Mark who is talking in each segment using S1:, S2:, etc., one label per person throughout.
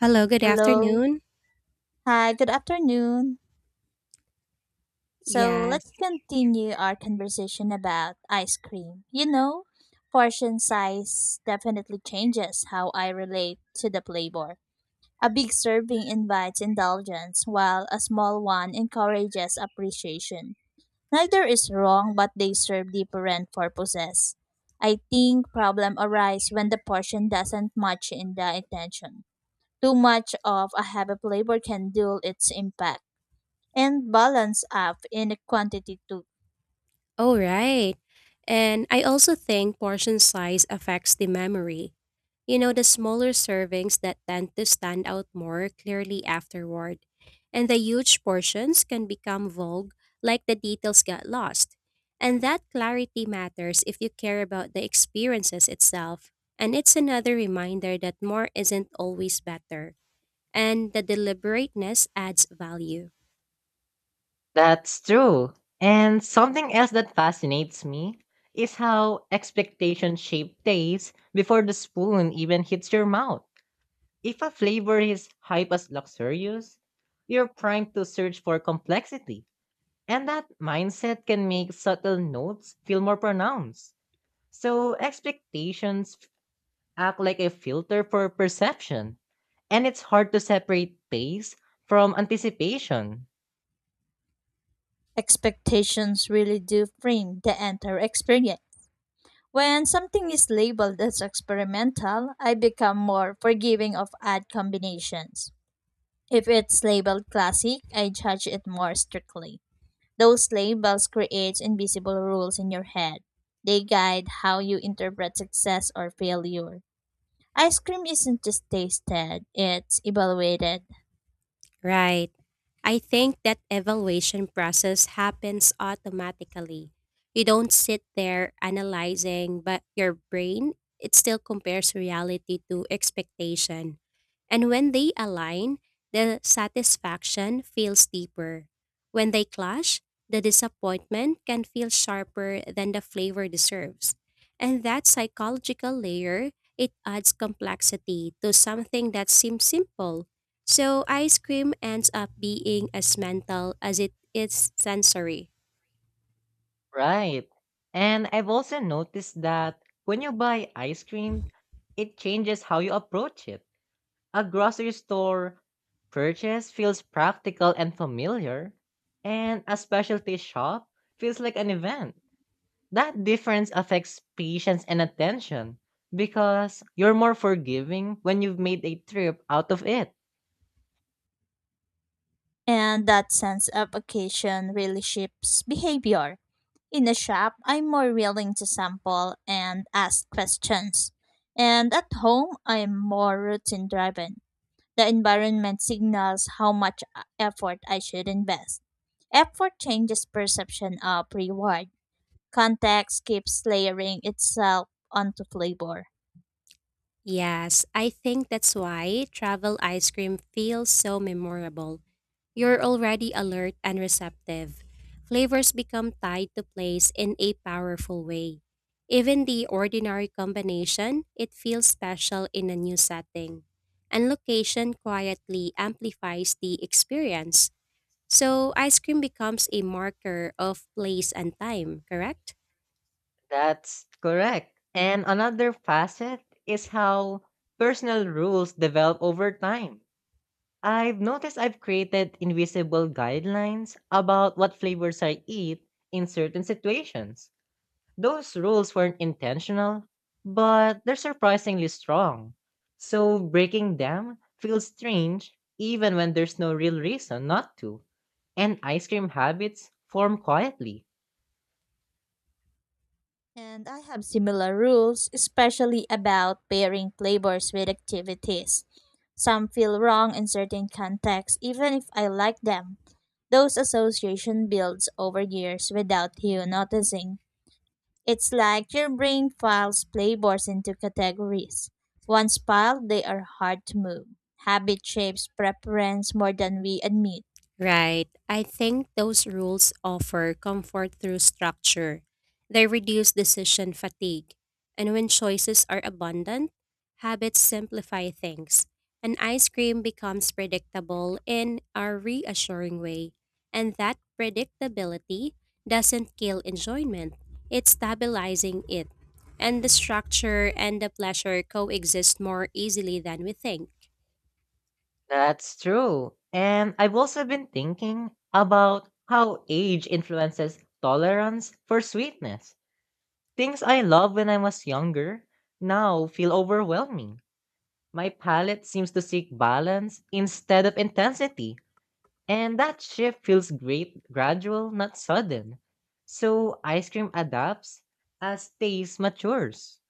S1: Hello, good
S2: Hello.
S1: afternoon.
S2: Hi, good afternoon. So let's
S1: Yes.
S2: continue our conversation about ice cream. Portion size definitely changes how I relate to the flavor. A big serving invites indulgence, while a small one encourages appreciation. Neither is wrong, but they serve different purposes. I think problem arise when the portion doesn't match in the intention. Too much of a heavy flavor can dull its impact and balance up in quantity to
S1: All right. And I also think portion size affects the memory. You know, the smaller servings that tend to stand out more clearly afterward. And the huge portions can become vague, like the details got lost. And that clarity matters if you care about the experiences itself. And it's another reminder that more isn't always better. And the deliberateness adds value.
S3: That's true. And something else that fascinates me is how expectations shape tastes before the spoon even hits your mouth. If a flavor is hype as luxurious, you're primed to search for complexity. And that mindset can make subtle notes feel more pronounced. So expectations act like a filter for perception. And it's hard to separate taste from anticipation.
S2: expectations really do frame the entire experience. When something is labeled as experimental, I become more forgiving of odd combinations. If it's labeled classic, I judge it more strictly. Those labels create invisible rules in your head. They guide how you interpret success or failure. Ice cream isn't just tasted, it's evaluated.
S1: Right. I think that evaluation process happens automatically. You don't sit there analyzing, but your brain, it still compares reality to expectation. And when they align, the satisfaction feels deeper. When they clash, the disappointment can feel sharper than the flavor deserves. And that psychological layer, it adds complexity to something that seems simple, so ice cream ends up being as mental as it is sensory.
S3: Right. And I've also noticed that when you buy ice cream, it changes how you approach it. A grocery store purchase feels practical and familiar, and a specialty shop feels like an event. That difference affects patience and attention because you're more forgiving when you've made a trip out of it.
S2: And that sense of occasion really shapes behavior. In a shop, I'm more willing to sample and ask questions. And at home, I'm more routine driven. The environment signals how much effort I should invest. Effort changes perception of reward. Context keeps layering itself onto flavor.
S1: Yes, I think that's why travel ice cream feels so memorable. You're already alert and receptive. Flavors become tied to place in a powerful way. Even the ordinary combination, it feels special in a new setting. And location quietly amplifies the experience. So ice cream becomes a marker of place and time, correct?
S3: That's correct. And another facet is how personal rules develop over time. I've noticed I've created invisible guidelines about what flavors I eat in certain situations. Those rules weren't intentional, but they're surprisingly strong. So breaking them feels strange even when there's no real reason not to. And ice cream habits form quietly.
S2: And I have similar rules, especially about pairing flavors with activities. Some feel wrong in certain contexts, even if I like them. Those association builds over years without you noticing. It's like your brain files flavors into categories. Once piled, they are hard to move. Habit shapes preference more than we admit.
S1: Right. I think those rules offer comfort through structure. They reduce decision fatigue. And when choices are abundant, habits simplify things. And ice cream becomes predictable in a reassuring way. And that predictability doesn't kill enjoyment, it's stabilizing it. And the structure and the pleasure coexist more easily than we think.
S3: That's true. And I've also been thinking about how age influences tolerance for sweetness. Things I loved when I was younger now feel overwhelming. My palate seems to seek balance instead of intensity, and that shift feels great, gradual, not sudden. So ice cream adapts as taste matures.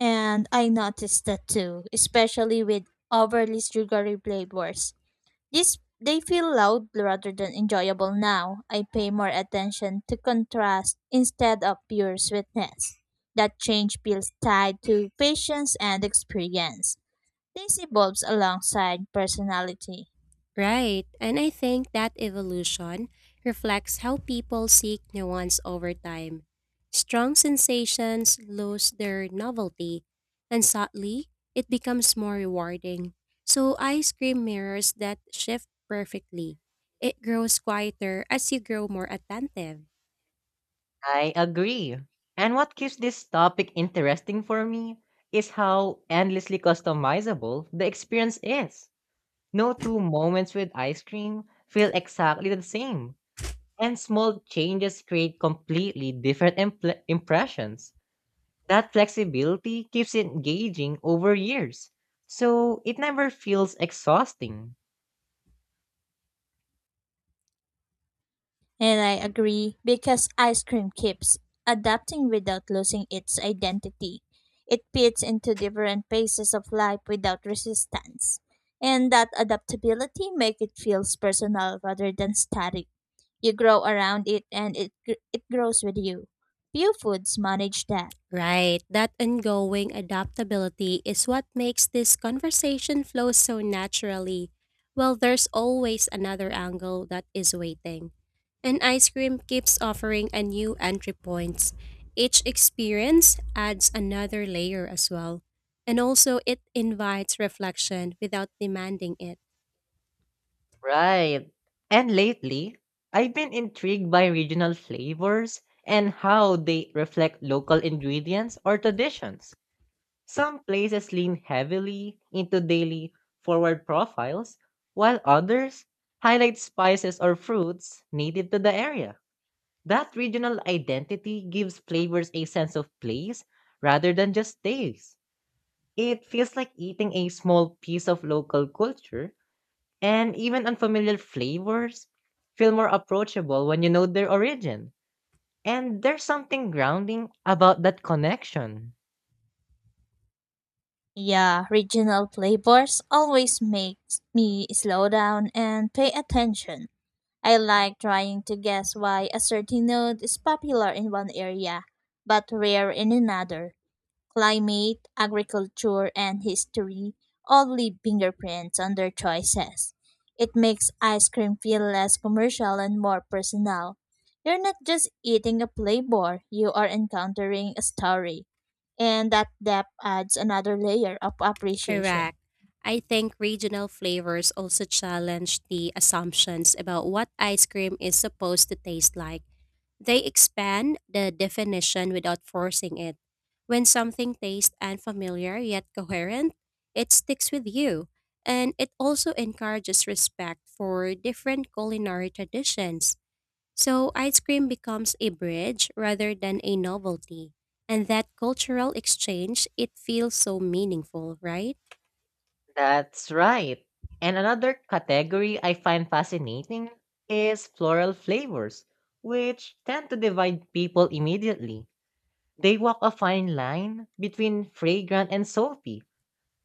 S2: And I noticed that too, especially with overly sugary flavors. These they feel loud rather than enjoyable now. I pay more attention to contrast instead of pure sweetness. That change feels tied to patience and experience. This evolves alongside personality.
S1: Right, and I think that evolution reflects how people seek nuance over time. Strong sensations lose their novelty, and subtly, it becomes more rewarding. So, ice cream mirrors that shift perfectly. It grows quieter as you grow more attentive.
S3: I agree. And what keeps this topic interesting for me is how endlessly customizable the experience is. No two moments with ice cream feel exactly the same. And small changes create completely different impressions. That flexibility keeps it engaging over years, so it never feels exhausting.
S2: And I agree because ice cream keeps adapting without losing its identity. It fits into different phases of life without resistance. And that adaptability makes it feels personal rather than static. You grow around it and it grows with you. Few foods manage that.
S1: Right, that ongoing adaptability is what makes this conversation flow so naturally. Well, there's always another angle that is waiting. And ice cream keeps offering a new entry points. Each experience adds another layer as well. And also it invites reflection without demanding it.
S3: Right. And lately, I've been intrigued by regional flavors and how they reflect local ingredients or traditions. Some places lean heavily into daily forward profiles, while others highlight spices or fruits native to the area. That regional identity gives flavors a sense of place rather than just taste. It feels like eating a small piece of local culture, and even unfamiliar flavors feel more approachable when you know their origin. And there's something grounding about that connection.
S2: Yeah, regional flavors always makes me slow down and pay attention. I like trying to guess why a certain note is popular in one area but rare in another. Climate, agriculture, and history all leave fingerprints on their choices. It makes ice cream feel less commercial and more personal. You're not just eating a flavor, you are encountering a story. And that depth adds another layer of appreciation.
S1: Correct. I think regional flavors also challenge the assumptions about what ice cream is supposed to taste like. They expand the definition without forcing it. When something tastes unfamiliar yet coherent, it sticks with you. And it also encourages respect for different culinary traditions. So ice cream becomes a bridge rather than a novelty. And that cultural exchange, it feels so meaningful, right?
S3: That's right. And another category I find fascinating is floral flavors, which tend to divide people immediately. They walk a fine line between fragrant and soapy.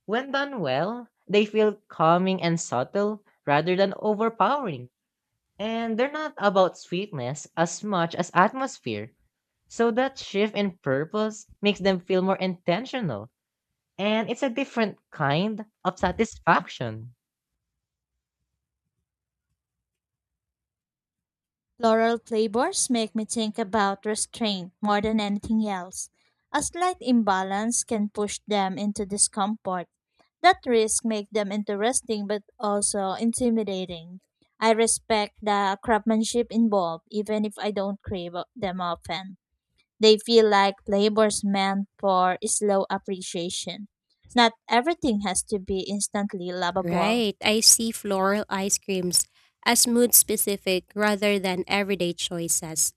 S3: When done well, they feel calming and subtle rather than overpowering. And they're not about sweetness as much as atmosphere. So that shift in purpose makes them feel more intentional. And it's a different kind of satisfaction.
S2: Floral flavors make me think about restraint more than anything else. A slight imbalance can push them into discomfort. That risk makes them interesting but also intimidating. I respect the craftsmanship involved even if I don't them often. They feel like flavors meant for slow appreciation. Not everything has to be instantly lovable.
S1: Right. I see floral ice creams as mood specific rather than everyday choices.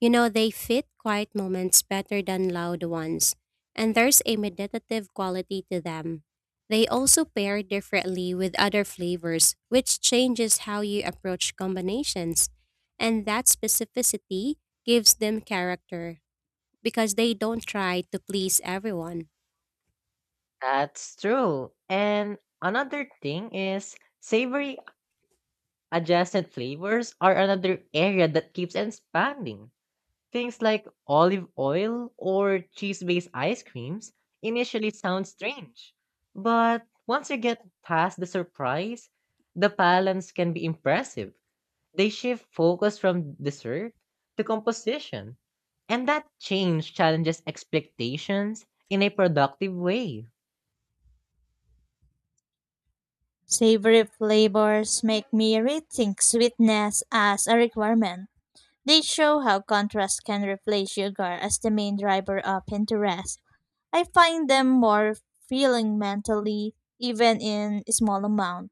S1: You know, they fit quiet moments better than loud ones, and there's a meditative quality to them. They also pair differently with other flavors, which changes how you approach combinations. And that specificity gives them character because they don't try to please everyone.
S3: That's true. And another thing is savory adjacent flavors are another area that keeps expanding. Things like olive oil or cheese based ice creams initially sound strange, but once you get past the surprise, the balance can be impressive. They shift focus from dessert to composition, and that change challenges expectations in a productive way.
S2: Savory flavors make me rethink sweetness as a requirement. They show how contrast can replace sugar as the main driver of interest. I find them more feeling mentally, even in small amount.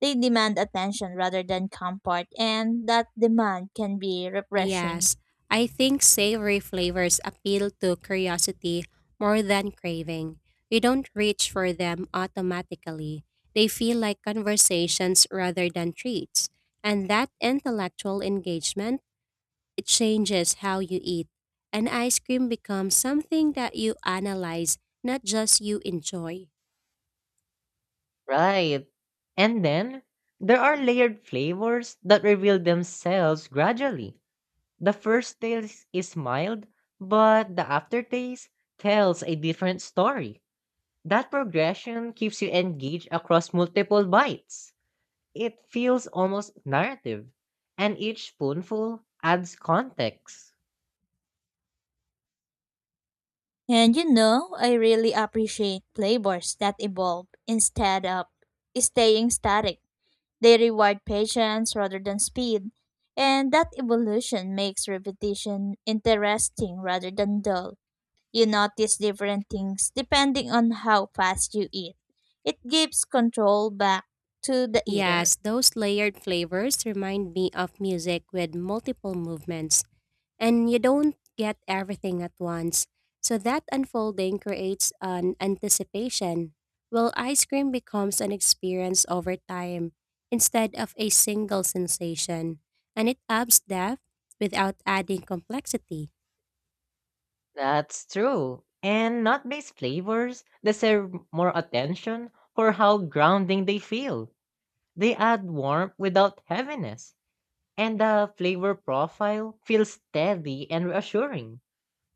S2: They demand attention rather than comfort, and that demand can be refreshing.
S1: Yes, I think savory flavors appeal to curiosity more than craving. You don't reach for them automatically. They feel like conversations rather than treats. And that intellectual engagement, it changes how you eat. And ice cream becomes something that you analyze, not just you enjoy.
S3: Right. And then there are layered flavors that reveal themselves gradually. The first taste is mild, but the aftertaste tells a different story. That progression keeps you engaged across multiple bites. It feels almost narrative, and each spoonful adds context.
S2: And I really appreciate flavors that evolve instead of staying static. They reward patience rather than speed, and that evolution makes repetition interesting rather than dull. You notice different things depending on how fast you eat. It gives control back to the eater.
S1: Yes, those layered flavors remind me of music with multiple movements, and you don't get everything at once. So that unfolding creates an anticipation, while ice cream becomes an experience over time instead of a single sensation, and it adds depth without adding complexity.
S3: That's true. And nut based flavors deserve more attention for how grounding they feel. They add warmth without heaviness, and the flavor profile feels steady and reassuring.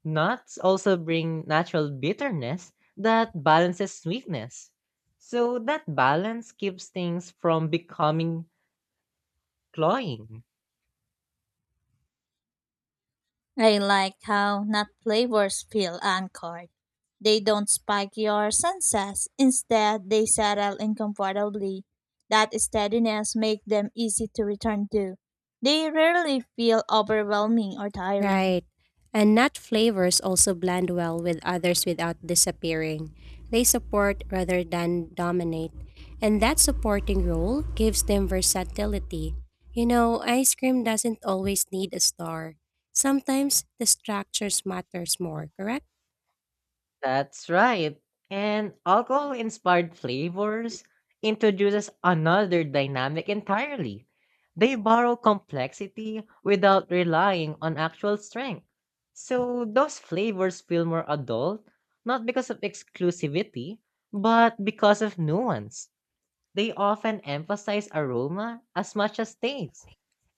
S3: Nuts also bring natural bitterness that balances sweetness. So that balance keeps things from becoming cloying.
S2: I like how nut flavors feel anchored. They don't spike your senses. Instead, they settle in comfortably. That steadiness makes them easy to return to. They rarely feel overwhelming or tiring.
S1: Right. And nut flavors also blend well with others without disappearing. They support rather than dominate. And that supporting role gives them versatility. You know, ice cream doesn't always need a star. Sometimes the structures matters more, correct?
S3: That's right. And alcohol inspired flavors introduces another dynamic entirely. They borrow complexity without relying on actual strength. So those flavors feel more adult, not because of exclusivity, but because of nuance. They often emphasize aroma as much as taste,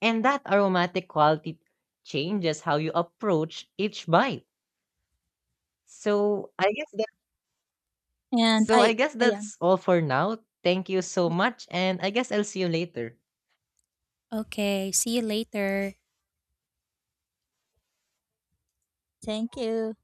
S3: and that aromatic quality changes how you approach each bite. So I guess that
S2: And
S3: so I
S2: I
S3: guess
S2: ayan,
S3: that's all for now. Thank you so much, and I guess I'll see you later.
S1: Okay, see you later.
S2: thank you.